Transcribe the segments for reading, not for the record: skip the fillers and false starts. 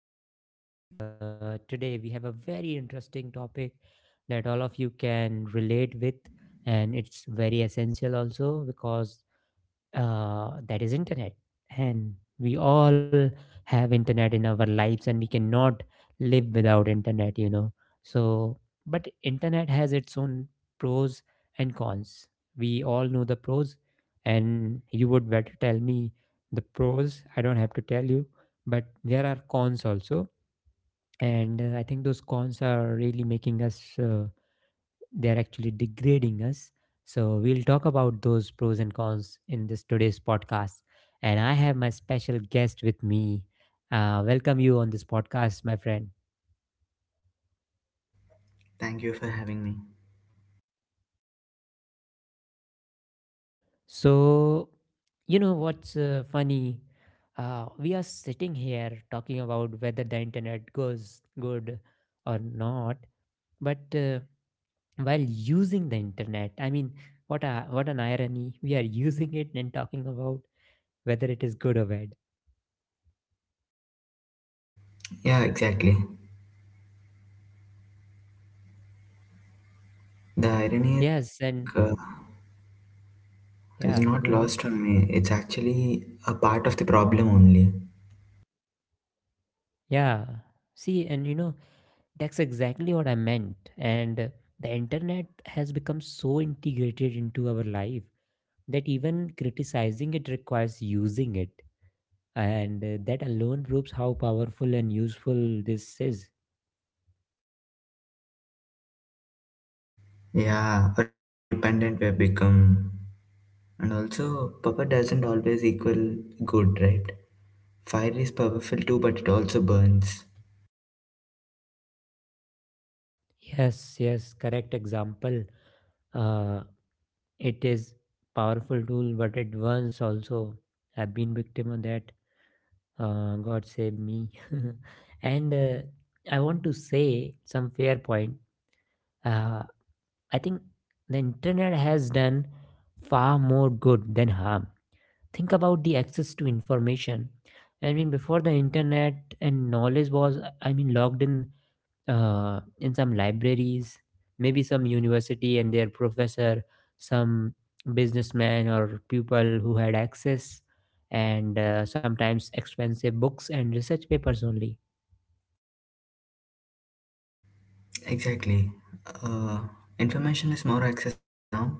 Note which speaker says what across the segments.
Speaker 1: on my podcast. Today, we have a very interesting topic that all of you can relate with, and it's very essential also because that is internet, and we all have internet in our lives, and we cannot live without internet. So, but internet has its own pros and cons. We all know the pros, and you would better tell me the pros. I don't have to tell you. But there are cons also, and I think those cons are really making us. They're actually degrading us. So we'll talk about those pros and cons in this today's podcast. And I have my special guest with me. Welcome you on this podcast, my friend.
Speaker 2: thank you for having me.
Speaker 1: So, what's funny? We are sitting here talking about whether the internet goes good or not, but while using the internet, I mean, what a what an irony! We are using it and talking about whether it is good or bad.
Speaker 2: Yeah, exactly. The irony is like
Speaker 1: Yes, and
Speaker 2: uh, is
Speaker 1: yeah,
Speaker 2: not
Speaker 1: go on.
Speaker 2: lost on me. It's actually a part of the problem only.
Speaker 1: Yeah. See, and, that's exactly what I meant. And the internet has become so integrated into our life that even criticizing it requires using it. And that alone proves how powerful and useful this is.
Speaker 2: Yeah, or how dependent we've become. And also, purple doesn't always equal good, right? Fire is powerful too, but it also burns.
Speaker 1: Yes, yes, correct example. Uh, it is powerful tool, but it once also have been victim of that. God save me. and I want to say some fair point. Uh, I think the internet has done far more good than harm. Think about the access to information. I mean, before the internet and knowledge was, I mean, locked in some libraries, maybe some university and their professor, some businessman or people who had access, and sometimes expensive books and research papers only.
Speaker 2: Exactly. Uh, Information is more accessible now,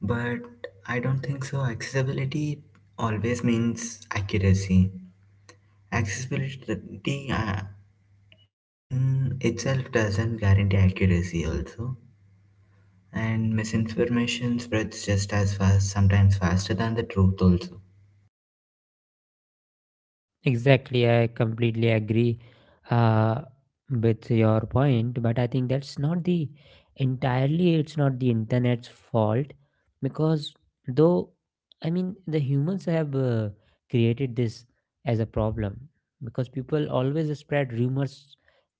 Speaker 2: but I don't think so. Accessibility always means accuracy. Accessibility, in itself doesn't guarantee accuracy also, and misinformation spreads just as fast, sometimes faster than the truth also.
Speaker 1: Exactly, I completely agree uh, with your point, but I think that's not the entirely, it's not the internet's fault, because though, I mean, the humans have created this as a problem, because people always spread rumors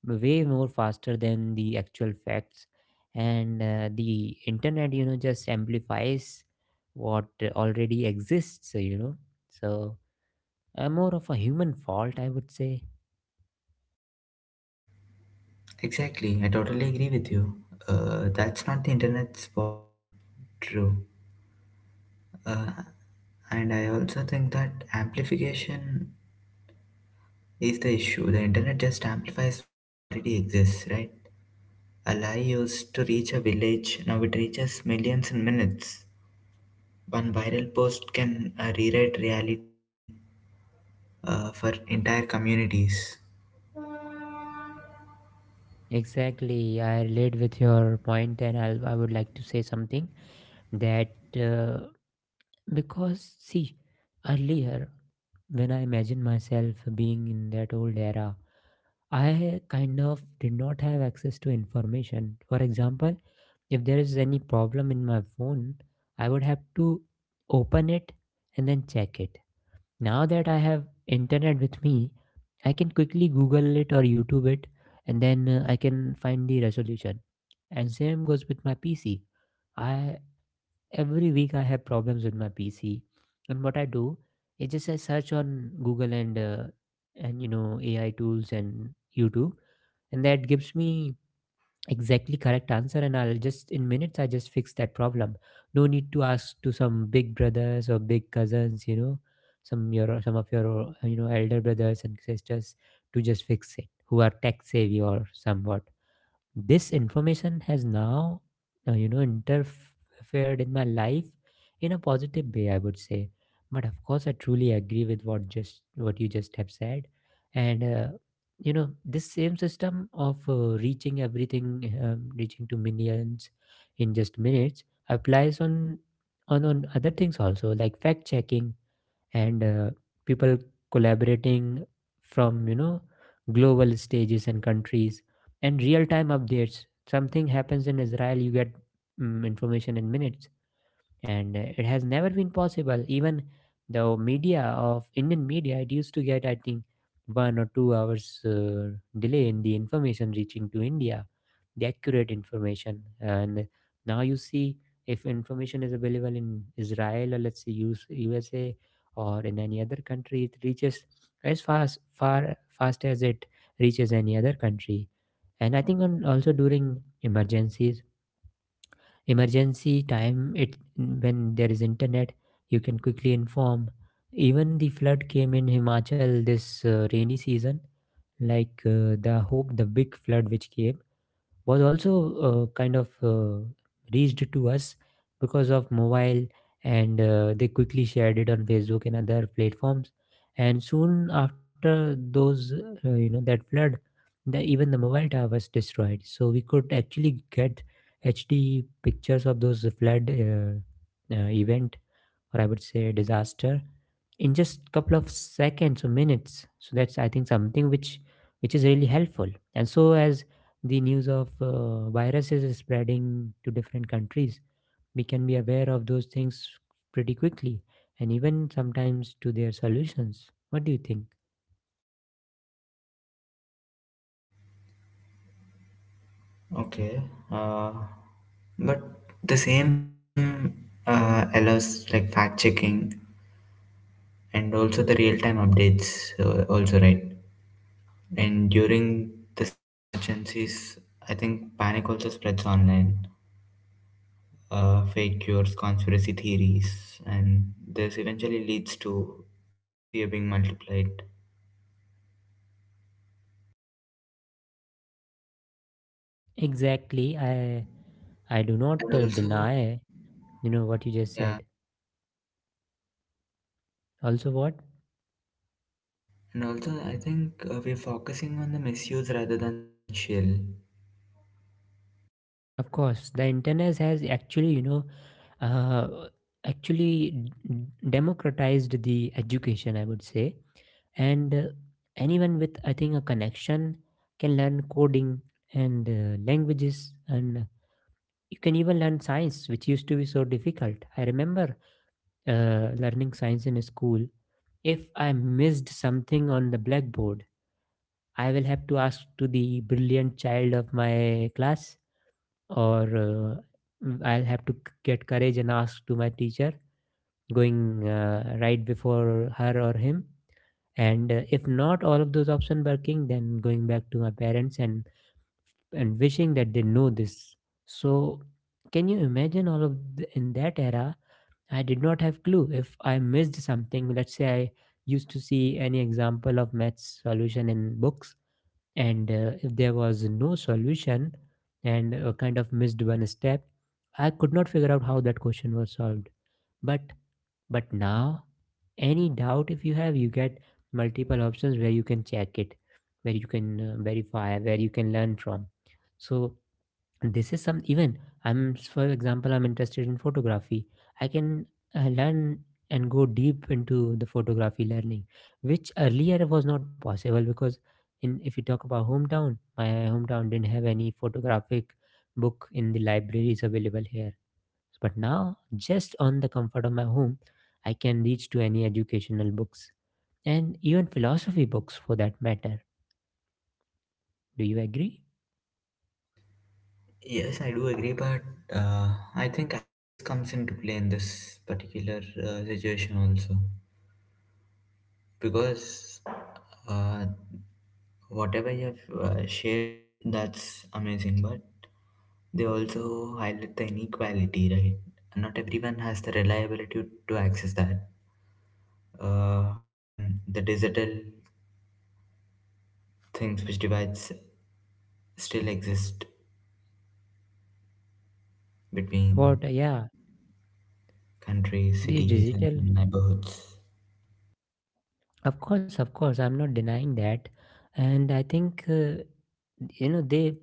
Speaker 1: way more faster than the actual facts. And the internet, just amplifies what already exists. So, more of a human fault, I would say.
Speaker 2: Exactly, I totally agree with you. That's not the internet's fault, true. uh, and I also think that amplification is the issue. The internet just amplifies what already exists, right? A lie used to reach a village, now it reaches millions in minutes. One viral post can rewrite reality for entire communities.
Speaker 1: Exactly, I relate with your point, and I would like to say something that uh, because see, earlier when I imagine myself being in that old era, I kind of did not have access to information. For example, if there is any problem in my phone, I would have to open it and then check it. Now that I have internet with me, I can quickly Google it or YouTube it, and then I can find the resolution. And same goes with my PC. I every week I have problems with my PC, and what I do is just I search on Google and AI tools and YouTube, and that gives me exactly correct answer, and I'll just in minutes I just fix that problem. No need to ask to some big brothers or big cousins, some your some of your elder brothers and sisters to just fix it, who are tech savvy or somewhat. This information has now interfered in my life in a positive way, I would say. But of course, I truly agree with what you just have said. And this same system of reaching everything, reaching to millions in just minutes, applies on on other things also, like fact checking, and people collaborating from, global stages and countries, and real time updates. Something happens in Israel, you get information in minutes. And it has never been possible. Even the media of Indian media, it used to get, I think, one or two hours delay in the information reaching to India, the accurate information. And now you see, if information is available in Israel or let's say US, USA, or in any other country, it reaches as fast, far fast as it reaches any other country. And I think on, also during emergencies, emergency time, it, when there is internet, you can quickly inform. Even the flood came in Himachal this rainy season, like the big flood which came, was also kind of reached to us because of mobile. And they quickly shared it on Facebook and other platforms. And soon after those that flood, even the mobile tower was destroyed, so we could actually get HD pictures of those flood event, or I would say disaster, in just couple of seconds or minutes. So that's, I think, something which is really helpful. And so as the news of viruses is spreading to different countries, we can be aware of those things pretty quickly, and even sometimes to their solutions. What do you think?
Speaker 2: Okay. Uh, But the same system allows like fact checking and also the real time updates, also, right? And during the same emergencies, I think panic also spreads online. Fake cures, conspiracy theories, and this eventually leads to fear being multiplied.
Speaker 1: Exactly, I do
Speaker 2: And
Speaker 1: not
Speaker 2: also,
Speaker 1: deny what you just
Speaker 2: yeah,
Speaker 1: said, also what.
Speaker 2: and also, I think we're focusing on the misuse rather than the potential.
Speaker 1: Of course, the internet has actually, you know, uh, actually democratized the education, I would say. And anyone with, I think, a connection can learn coding and languages, and you can even learn science, which used to be so difficult. I remember learning science in school. If I missed something on the blackboard, I will have to ask to the brilliant child of my class, or I'll have to get courage and ask to my teacher, going right before her or him. And if not all of those options working, then going back to my parents, and wishing that they know this. So, can you imagine all of the, in that era? I did not have clue if I missed something. Let's say I used to see any example of maths solution in books, and if there was no solution, and kind of missed one step, I could not figure out how that question was solved. but but now, any doubt if you have, you get multiple options where you can check it, where you can verify, where you can learn from. So this is some, even, I'm for example, I'm interested in photography. I can learn and go deep into the photography learning, which earlier was not possible, because in, if you talk about hometown, my hometown didn't have any photographic book in the libraries available here. But now, just on the comfort of my home, I can reach to any educational books, and even philosophy books for that matter. Do you agree?
Speaker 2: Yes, I do agree, but uh, I think access comes into play in this particular situation also, because uh, whatever you have shared, that's amazing, but they also highlight the inequality, right? Not everyone has the reliability to access that. Uh, Even the digital things which divides still exist
Speaker 1: What,
Speaker 2: between
Speaker 1: yeah,
Speaker 2: countries,
Speaker 1: these
Speaker 2: cities, and
Speaker 1: digital.
Speaker 2: even neighborhoods.
Speaker 1: Of course, I'm not denying that, and I think they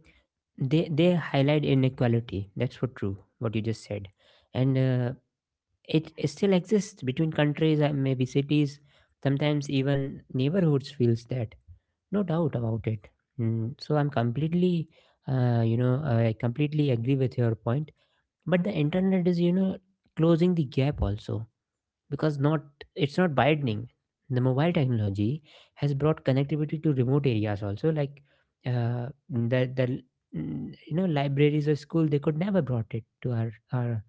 Speaker 1: they highlight inequality. That's for true, what you just said. And it still exists between countries and maybe cities. Sometimes even neighborhoods feels that, no doubt about it. Mm, so I'm completely, I completely agree with your point. But the internet is, closing the gap also, because not, it's not widening. The mobile technology has brought connectivity to remote areas also, like the mm, libraries or school, they could never brought it to our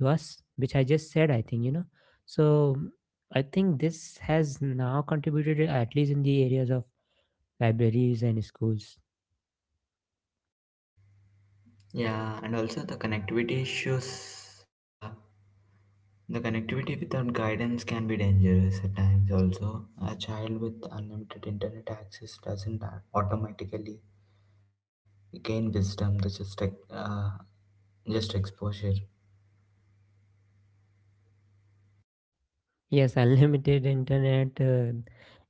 Speaker 1: to us, which I just said, I think, so I think this has now contributed at least in the areas of libraries and schools.
Speaker 2: Yeah, and also the connectivity issues. The connectivity without guidance can be dangerous at times, also. A child with unlimited internet access doesn't automatically gain wisdom, that's just, just exposure.
Speaker 1: Yes, unlimited internet.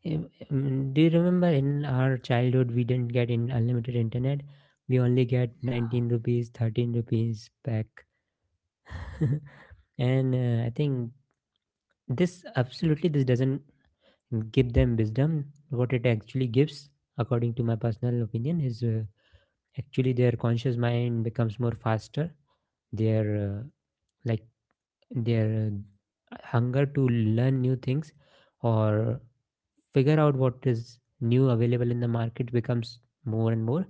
Speaker 1: em- do you remember in our childhood we didn't get in unlimited internet? We only get 19 rupees, 13 rupees back. and I think this absolutely this doesn't give them wisdom. What it actually gives, according to my personal opinion, is actually their conscious mind becomes more faster. Their like their hunger to learn new things, or figure out what is new available in the market, becomes more and more,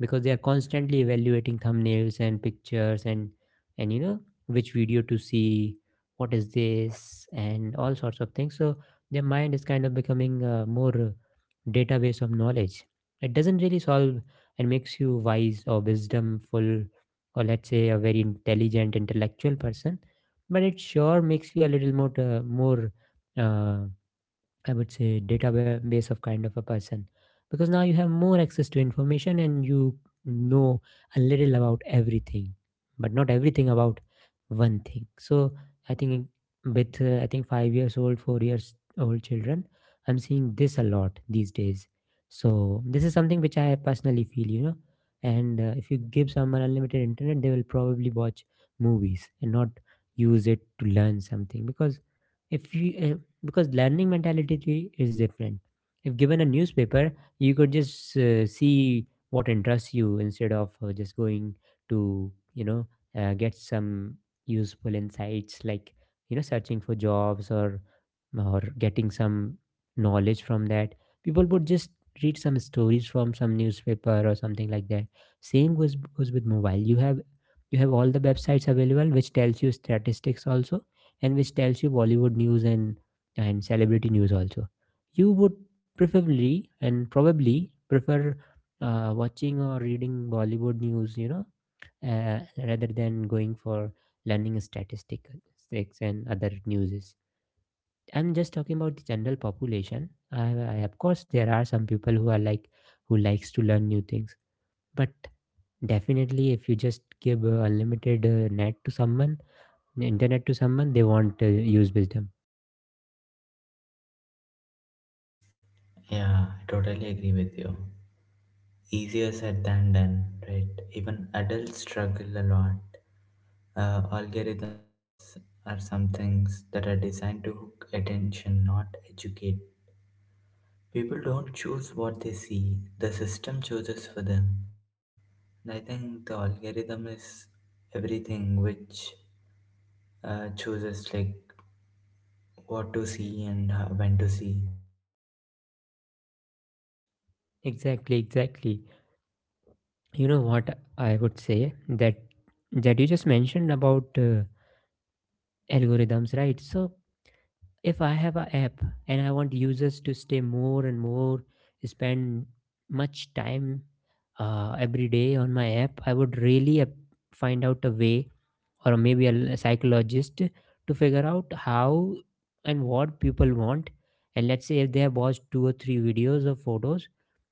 Speaker 1: because they are constantly evaluating thumbnails and pictures, and and you know which video to see, what is this, and all sorts of things. So their mind is kind of becoming more database of knowledge. It doesn't really solve and makes you wise or wisdomful, or let's say a very intelligent, intellectual person, but it sure makes you a little more uh, I would say database of kind of a person, because now you have more access to information, and you know a little about everything but not everything about one thing. So I think with I think 5 years old 4 years old children, I'm seeing this a lot these days, so this is something which I personally feel, and if you give someone unlimited internet, they will probably watch movies and not use it to learn something, because if you because learning mentality is different. If given a newspaper, you could just see what interests you instead of just going to, you know, get some useful insights like, you know, searching for jobs or getting some knowledge from that. People would just read some stories from some newspaper or something like that. Same goes with mobile. You have all the websites available which tells you statistics also and which tells you Bollywood news and celebrity news also. You would preferably and probably prefer watching or reading Bollywood news, you know, uh, rather than going for learning statistics and other newses. I'm just talking about the general population. Of course, there are some people who are who likes to learn new things, but definitely, if you just give unlimited net to someone, internet to someone, they won't use wisdom.
Speaker 2: Yeah, I totally agree with you. Easier said than done, right? Even adults struggle a lot. Algorithms are some things that are designed to hook attention, not educate. People don't choose what they see, the system chooses for them. And I think the algorithm is everything which chooses like what to see and when to see.
Speaker 1: Exactly, exactly. You know what I would say, that you just mentioned about algorithms, right? So if I have an app and I want users to stay more and more, spend much time every day on my app, I would really find out a way, or maybe a psychologist, to figure out how and what people want. And let's say if they have watched two or three videos or photos,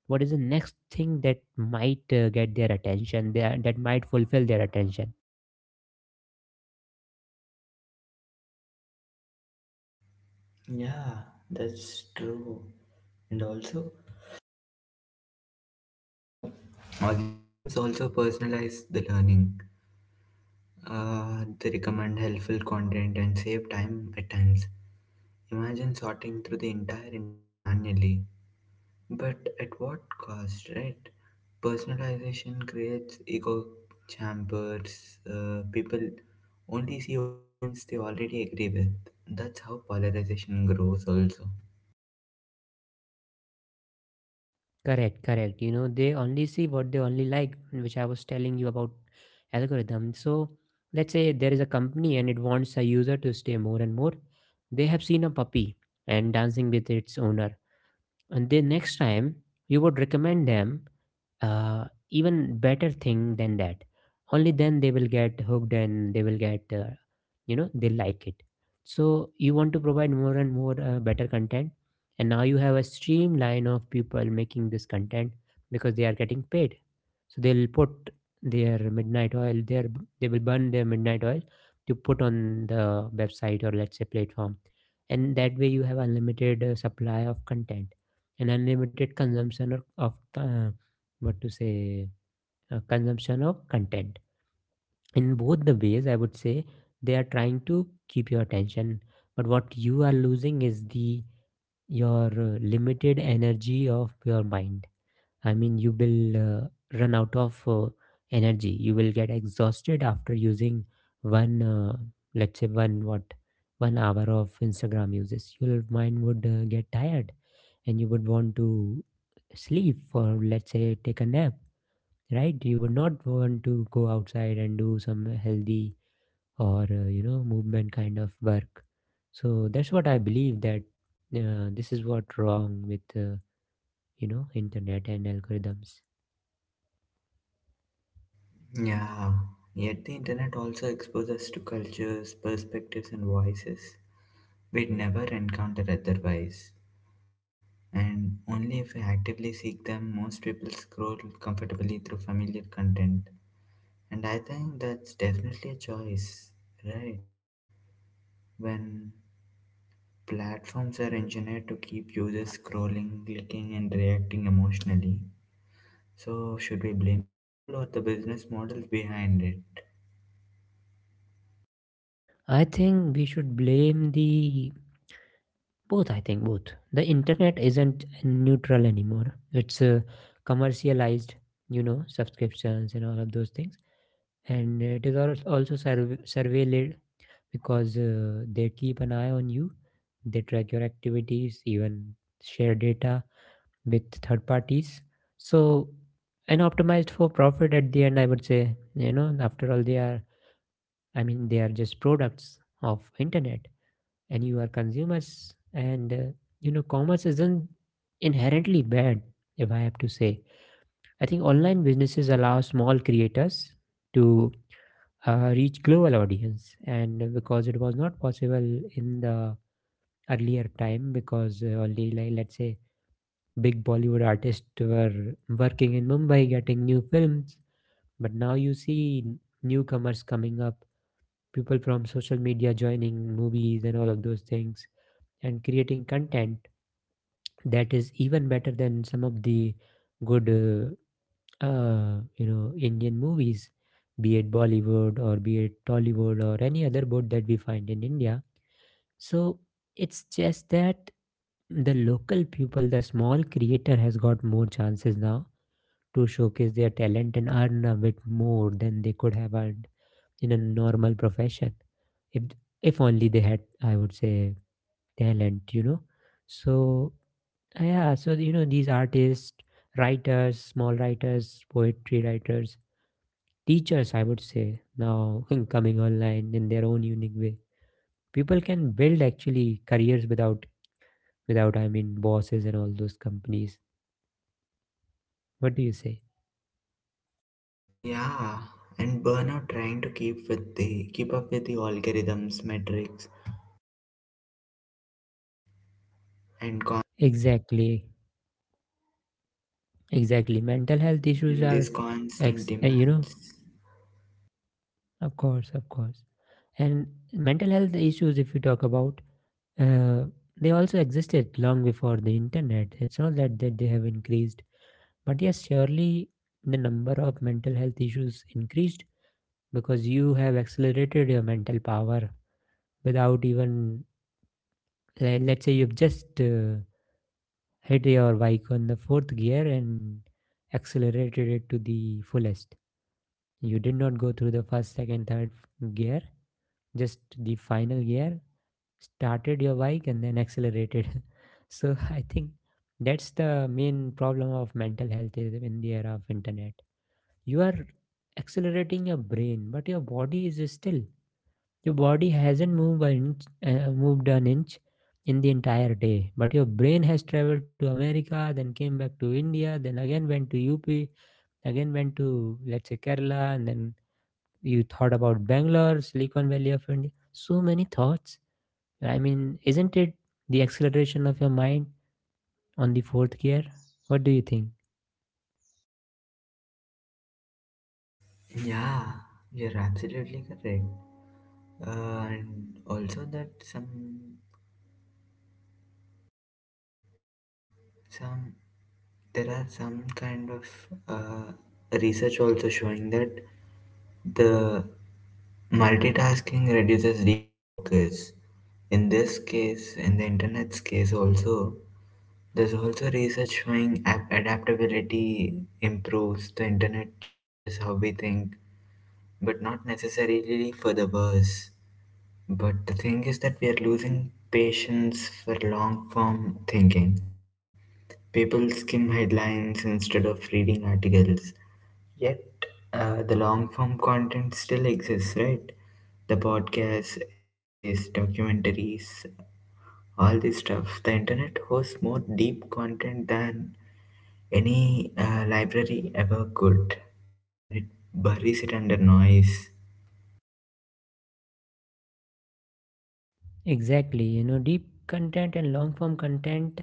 Speaker 1: what is the next thing that might get their attention, that might fulfill their attention?
Speaker 2: Yeah, that's true. And also, algorithms also personalize the learning. They recommend helpful content and save time at times. Imagine sorting through the entire internet manually. But at what cost, right? Personalization creates echo chambers. People only see opinions they already agree with. That's how polarization grows, also.
Speaker 1: Correct, correct. You know, they only see what they only like, which I was telling you about algorithm. So let's say there is a company and it wants a user to stay more and more. They have seen a puppy and dancing with its owner, and then next time you would recommend them uh, even better thing than that. Only then they will get hooked, and they will get, you know, they like it. So you want to provide more and more better content, and now you have a streamline of people making this content because they are getting paid. So they'll put their midnight oil, their— they will burn their midnight oil to put on the website, or let's say platform, and that way you have unlimited supply of content and unlimited of what to say, consumption of content. In both the ways, I would say, they are trying to keep your attention, but what you are losing is the— your limited energy of your mind. I mean, you will run out of energy. You will get exhausted after using one let's say one what, one hour of Instagram. Uses your mind would get tired, and you would want to sleep, or let's say take a nap, right? You would not want to go outside and do some healthy, or you know, movement kind of work. So that's what I believe, that this is what wrong with you know, internet and algorithms.
Speaker 2: Yeah, yet the internet also exposes us to cultures, perspectives, and voices we'd never encounter otherwise. And only if we actively seek them, most people scroll comfortably through familiar content. And I think that's definitely a choice, right? When platforms are engineered to keep users scrolling, clicking, and reacting emotionally. So, should we blame the tool or the business models behind it?
Speaker 1: I think we should blame the both. I think both. The internet isn't neutral anymore. It's commercialized, you know, subscriptions and all of those things, and it is also surveilled, because they keep an eye on you. They track your activities, even share data with third parties. So, and optimized for profit at the end, I would say. You know, after all, they are— I mean, they are just products of internet, and you are consumers. And you know, commerce isn't inherently bad, if I have to say. I think online businesses allow small creators to reach global audience, and because it was not possible in the earlier time, because only, like, let's say big Bollywood artists were working in Mumbai getting new films. But now you see newcomers coming up, people from social media joining movies and all of those things, and creating content that is even better than some of the good you know, Indian movies, be it Bollywood or be it Tollywood or any other board that we find in India. So it's just that the local people, the small creator has got more chances now to showcase their talent and earn a bit more than they could have earned in a normal profession. If if only they had, I would say, talent, you know. So yeah, so you know, these artists, writers, small writers, poetry writers, teachers, I would say, now coming online in their own unique way. People can build actually careers without I mean, bosses and all those companies. What do you say?
Speaker 2: Yeah, and burnout trying to keep up with the algorithms, metrics, and con
Speaker 1: Exactly, exactly. Mental health issues
Speaker 2: and
Speaker 1: are,
Speaker 2: these constant
Speaker 1: you know,
Speaker 2: demands.
Speaker 1: of course, of course. And mental health issues, if you talk about, uh, they also existed long before the internet. It's not that they have increased, but yes, surely the number of mental health issues increased because you have accelerated your mental power without even let's say you've just hit your bike on the fourth gear and accelerated it to the fullest. You did not go through the first, second, third gear, just the final gear. Started your bike and then accelerated. So I think that's the main problem of mental health is in the era of internet. You are accelerating your brain, but your body is still— your body hasn't moved an inch in the entire day, but your brain has traveled to America, then came back to India, then again went to UP, again went to, let's say, Kerala, and then you thought about Bangalore, Silicon Valley of India. So many thoughts. I mean, isn't it the acceleration of your mind on the fourth gear? What do you think?
Speaker 2: Yeah, you're absolutely correct. And also that some there are some kind of research also showing that the multitasking reduces deep focus. In this case, in the internet's case also, there's also research showing adaptability improves. The internet changes how we think, but not necessarily for the worse. But the thing is that we are losing patience for long form thinking. People skim headlines instead of reading articles. Yet, the long form content still exists, right? The podcasts, essays, documentaries, all this stuff. The internet hosts more deep content than any library ever could, and it buries it under noise.
Speaker 1: Exactly. You know, deep content and long form content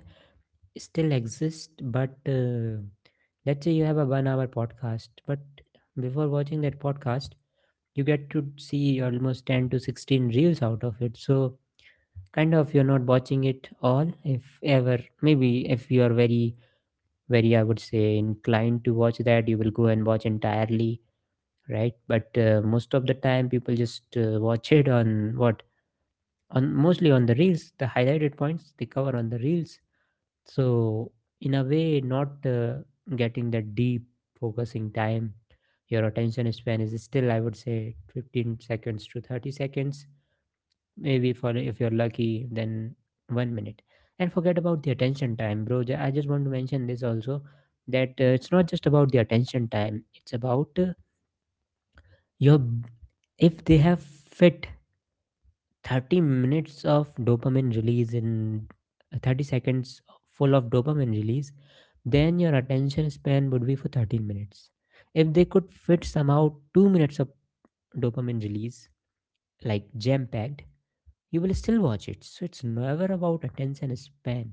Speaker 1: still exist, but. Let's say you have a one hour podcast, but before watching that podcast, you get to see almost 10 to 16 reels out of it. So, kind of, you're not watching it all, if ever. Maybe if you are very, very, I would say, inclined to watch that, you will go and watch entirely, right? But most of the time, people just watch it on what? On— mostly on the reels, the highlighted points they cover on the reels. So in a way not getting that deep focusing time. Your attention span is still, I would say, 15 seconds to 30 seconds, maybe for— if you're lucky, then 1 minute. And forget about the attention time, bro. I just want to mention this also, that it's not just about the attention time. It's about, your— if they have fit 30 minutes of dopamine release in 30 seconds, full of dopamine release, then your attention span would be for 13 minutes. If they could fit somehow 2 minutes of dopamine release, like jam packed, you will still watch it. So it's never about attention span.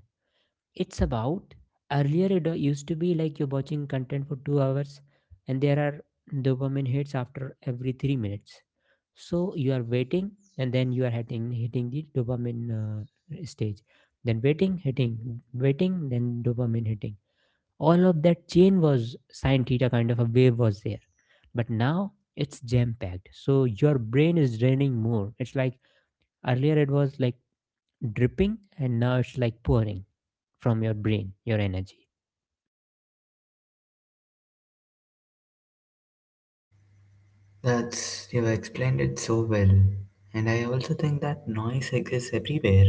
Speaker 1: It's about— earlier it used to be like you're watching content for 2 hours, and there are dopamine hits after every 3 minutes. So you are waiting, and then you are hitting the dopamine stage. Then waiting, hitting, waiting, then dopamine hitting. All of that chain was sine theta kind of a wave, was there. But now it's jam packed, so your brain is draining more. It's like earlier it was like dripping, and now it's like pouring from your brain your energy.
Speaker 2: That's, you've explained it so well. And I also think that noise exists everywhere.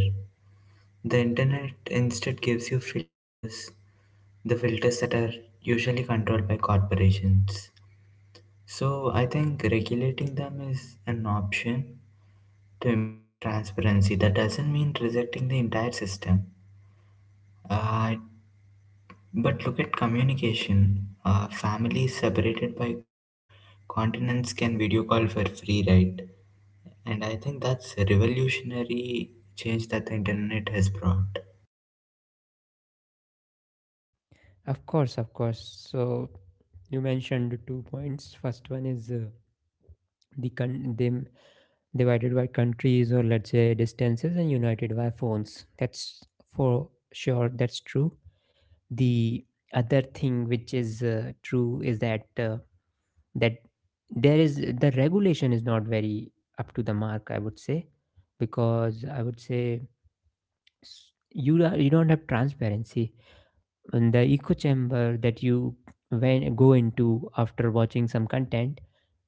Speaker 2: The internet instead gives you filters, the filters that are usually controlled by corporations. So I think regulating them is an option to improve transparency. That doesn't mean rejecting the entire system. Uh, but look at communication. Families separated by continents can video call for free, right? And I think that's a revolutionary change that the internet has brought.
Speaker 1: Of course, of course. So you mentioned two points. First one is the them divided by countries, or let's say distances, and united by phones. That's for sure, that's true. The other thing which is true is that, that there is— the regulation is not very up to the mark, I would say, because I would say s- you are— you don't have transparency in the echo chamber that you when go into after watching some content.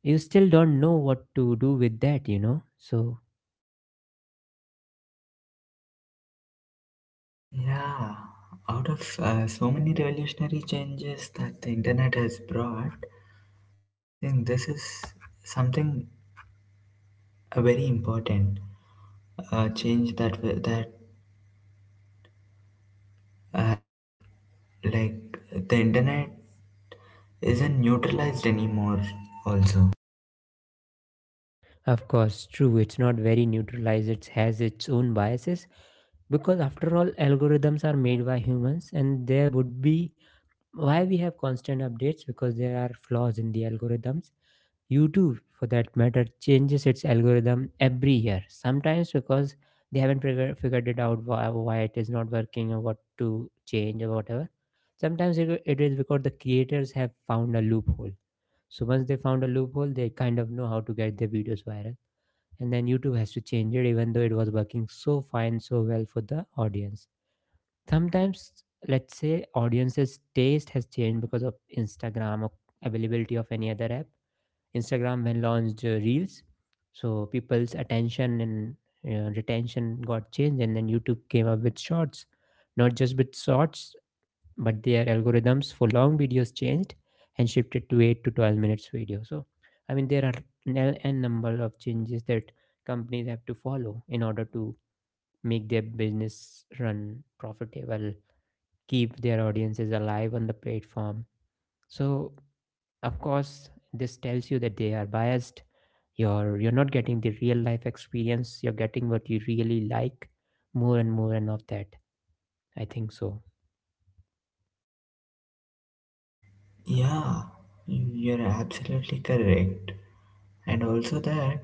Speaker 1: You still don't know what to do with that, you know. So
Speaker 2: Yeah, out of so many revolutionary changes that the internet has brought, I think this is something very important. A change that has like the internet isn't neutralized anymore. Also,
Speaker 1: of course, true, it's not very neutralized. It has its own biases, because after all, algorithms are made by humans, and there would be— why we have constant updates, because there are flaws in the algorithms. YouTube, for that matter, changes its algorithm every year. Sometimes because they haven't figured it out why it is not working or what to change or whatever. Sometimes it is because the creators have found a loophole. So once they found a loophole, they kind of know how to get their videos viral. And then YouTube has to change it, even though it was working so fine, so well for the audience. Sometimes, let's say, audiences' taste has changed because of Instagram or availability of any other app. Instagram when launched Reels, so people's attention and retention got changed, and then YouTube came up with Shorts. Not just with Shorts, but their algorithms for long videos changed and shifted to 8 to 12 minutes video. So, I mean, there are n n number of changes that companies have to follow in order to make their business run profitable, keep their audiences alive on the platform. So, of course, this tells you that they are biased. You're not getting the real life experience. You're getting what you really like more and more and of that, I think so.
Speaker 2: yeah, you're absolutely correct, and also that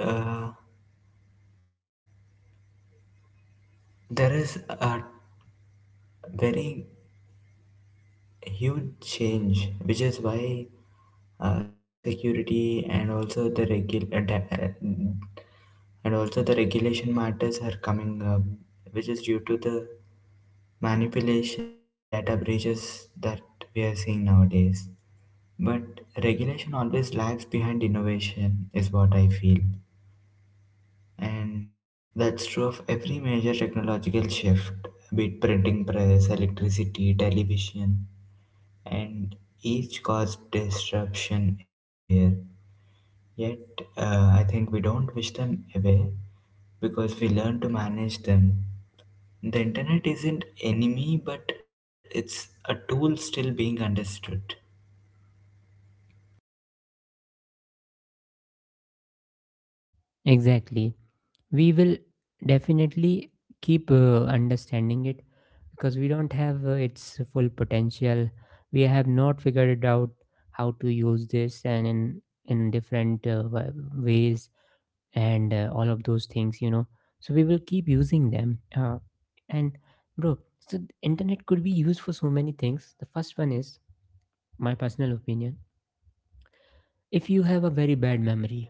Speaker 2: there is a very huge change, which is why cybersecurity and also the and also the regulation matters are coming up, which is due to the manipulation and the data breaches that we are seeing nowadays. But regulation always lags behind innovation, is what I feel, and that's true of every major technological shift, be it printing press, electricity, television, and each caused disruption everywhere. Yet, I think we don't wish them away because we learn to manage them. The internet isn't enemy, but it's a tool still being understood.
Speaker 1: Exactly, we will definitely keep understanding it because we don't have its full potential. We have not figured it out how to use this and in different ways and all of those things. So we will keep using them, and bro, so the internet could be used for so many things. The first one is my personal opinion. If you have a very bad memory,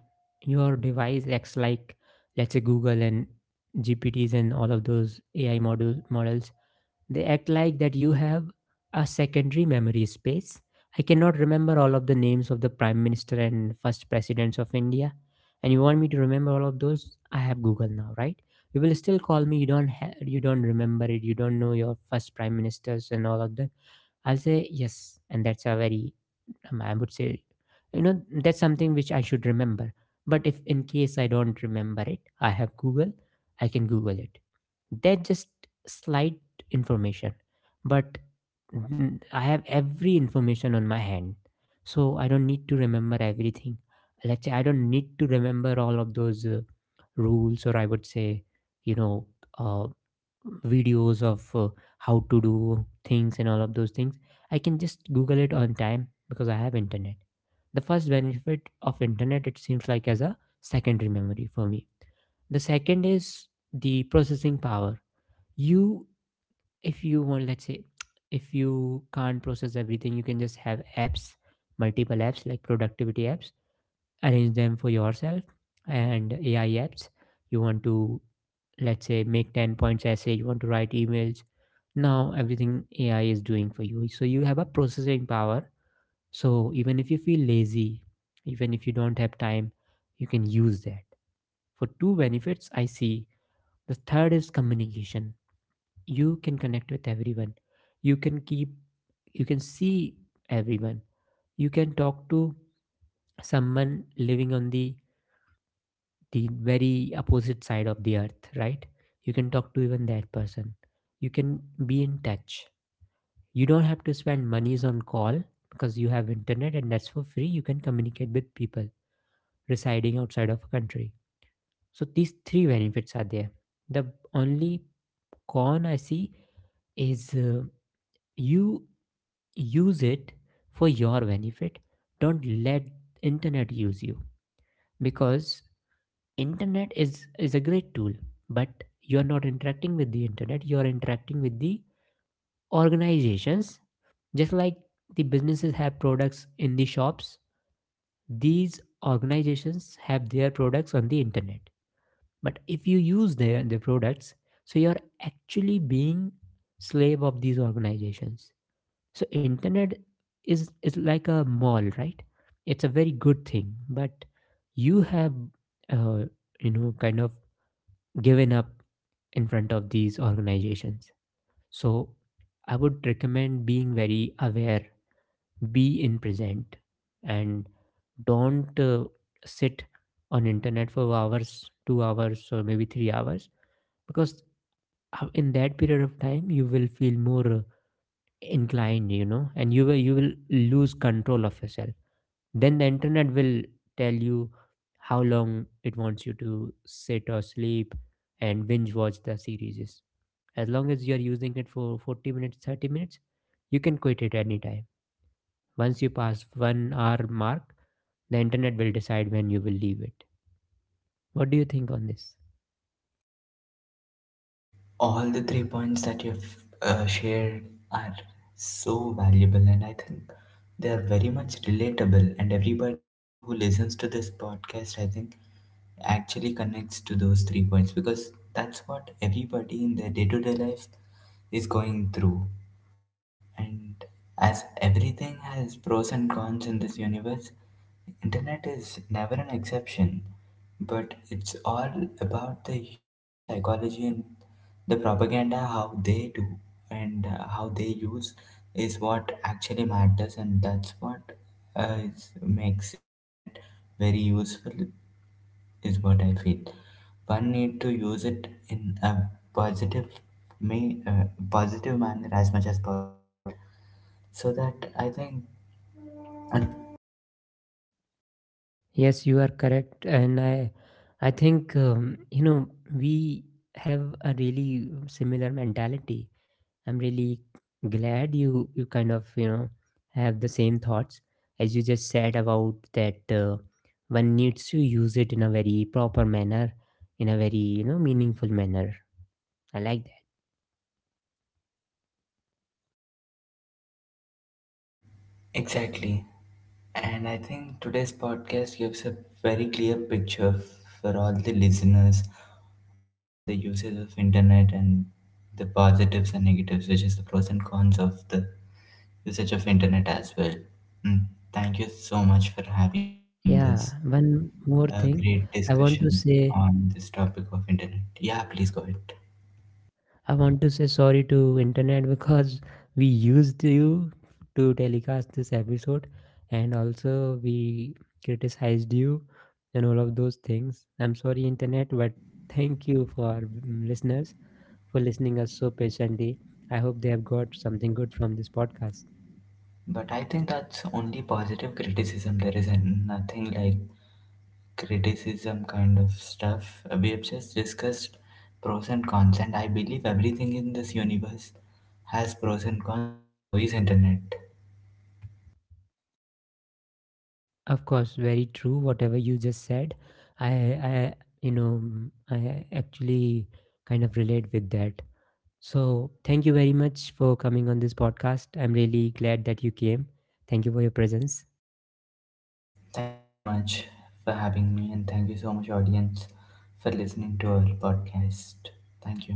Speaker 1: your device acts like, let's say, Google and GPTs and all of those AI models, they act like that you have a secondary memory space. I cannot remember all of the names of the prime minister and first presidents of India, and you want me to remember all of those? I have Google now, right? You will still call me, you don't you don't remember it, you don't know your first prime ministers and all of that. I'll say yes, and that's a very, I would say, that's something which I should remember. But if in case I don't remember it, I have Google, I can Google it. That just slight information, but I have every information on my hand, so I don't need to remember everything. Let's say I don't need to remember all of those rules, or I would say, you know, uh, videos of how to do things and all of those things. I can just Google it on time because I have internet. The first benefit of internet, it seems like, as a secondary memory for me. The second is the processing power. You, if you want, let's say, if you can't process everything, you can just have apps, multiple apps like productivity apps, arrange them for yourself, and AI apps. You want to, let's say, make 10 points essay, you want to write emails, now everything AI is doing for you, so you have a processing power. So even if you feel lazy, even if you don't have time, you can use that. For two benefits I see. The third is communication. You can connect with everyone, you can keep, you can see everyone, you can talk to someone living on the very opposite side of the earth, right? You can talk to even that person. You can be in touch. You don't have to spend monies on call because you have internet and that's for free. You can communicate with people residing outside of a country. So these three benefits are there. The only con I see is, you use it for your benefit, don't let internet use you, because internet is a great tool. But you are not interacting with the internet, you are interacting with the organizations. Just like the businesses have products in the shops, these organizations have their products on the internet. But if you use their products, so you're actually being slave of these organizations. So internet is like a mall, right? It's a very good thing, but you have, uh, you know, kind of given up in front of these organizations. So I would recommend being very aware, be in present, and don't sit on internet for hours, 2 hours or maybe 3 hours, because in that period of time you will feel more inclined, you know, and you will lose control of yourself. Then the internet will tell you how long it wants you to sit or sleep and binge watch the series. As long as you are using it for 40 minutes, 30 minutes, you can quit it anytime. Once you pass 1 hour mark, the internet will decide when you will leave it. What do you think on this?
Speaker 2: All the three points that you've shared are so valuable, and I think they are very much relatable. And everybody who listens to this podcast, I think, actually connects to those three points, because that's what everybody in their day to day life is going through. And as everything has pros and cons in this universe, internet is never an exception. But it's all about the human psychology and the propaganda, how they do and how they use is what actually matters, and that's what uh, makes internet very useful, is what I feel. One need to use it in a positive may uh, positive manner as much as possible, so that I think uh,
Speaker 1: Yes, you are correct, and I think, you know, we have a really similar mentality. I'm really glad you, you kind of have the same thoughts. As you just said about that, one needs to use it in a very proper manner, in a very, you know, meaningful manner. I like that.
Speaker 2: exactly. And I think today's podcast gives a very clear picture for all the listeners on the uses of internet and the positives and negatives, which is the pros and cons of the usage of internet as well. Mm, thank you so much for having me in
Speaker 1: Yeah,
Speaker 2: this
Speaker 1: one more
Speaker 2: a
Speaker 1: thing
Speaker 2: great
Speaker 1: I want to
Speaker 2: discussion
Speaker 1: say.
Speaker 2: on this topic of internet. Yeah, please go ahead.
Speaker 1: I want to say sorry to internet because we used you to telecast this episode and also we criticized you and all of those things. I'm sorry internet, but thank you for, listeners, for listening us so patiently. I hope they have got something good from this podcast.
Speaker 2: But I think that's only positive criticism. There is nothing like criticism kind of stuff. We have just discussed pros and cons, and I believe everything in this universe has pros and cons, and so is internet.
Speaker 1: Of course, very true whatever you just said. I I, you know, I actually kind of relate with that. So, thank you very much for coming on this podcast. I'm really glad that you came. Thank you for your presence.
Speaker 2: Thank you so much for having me, and thank you so much, audience, for listening to our podcast. Thank you.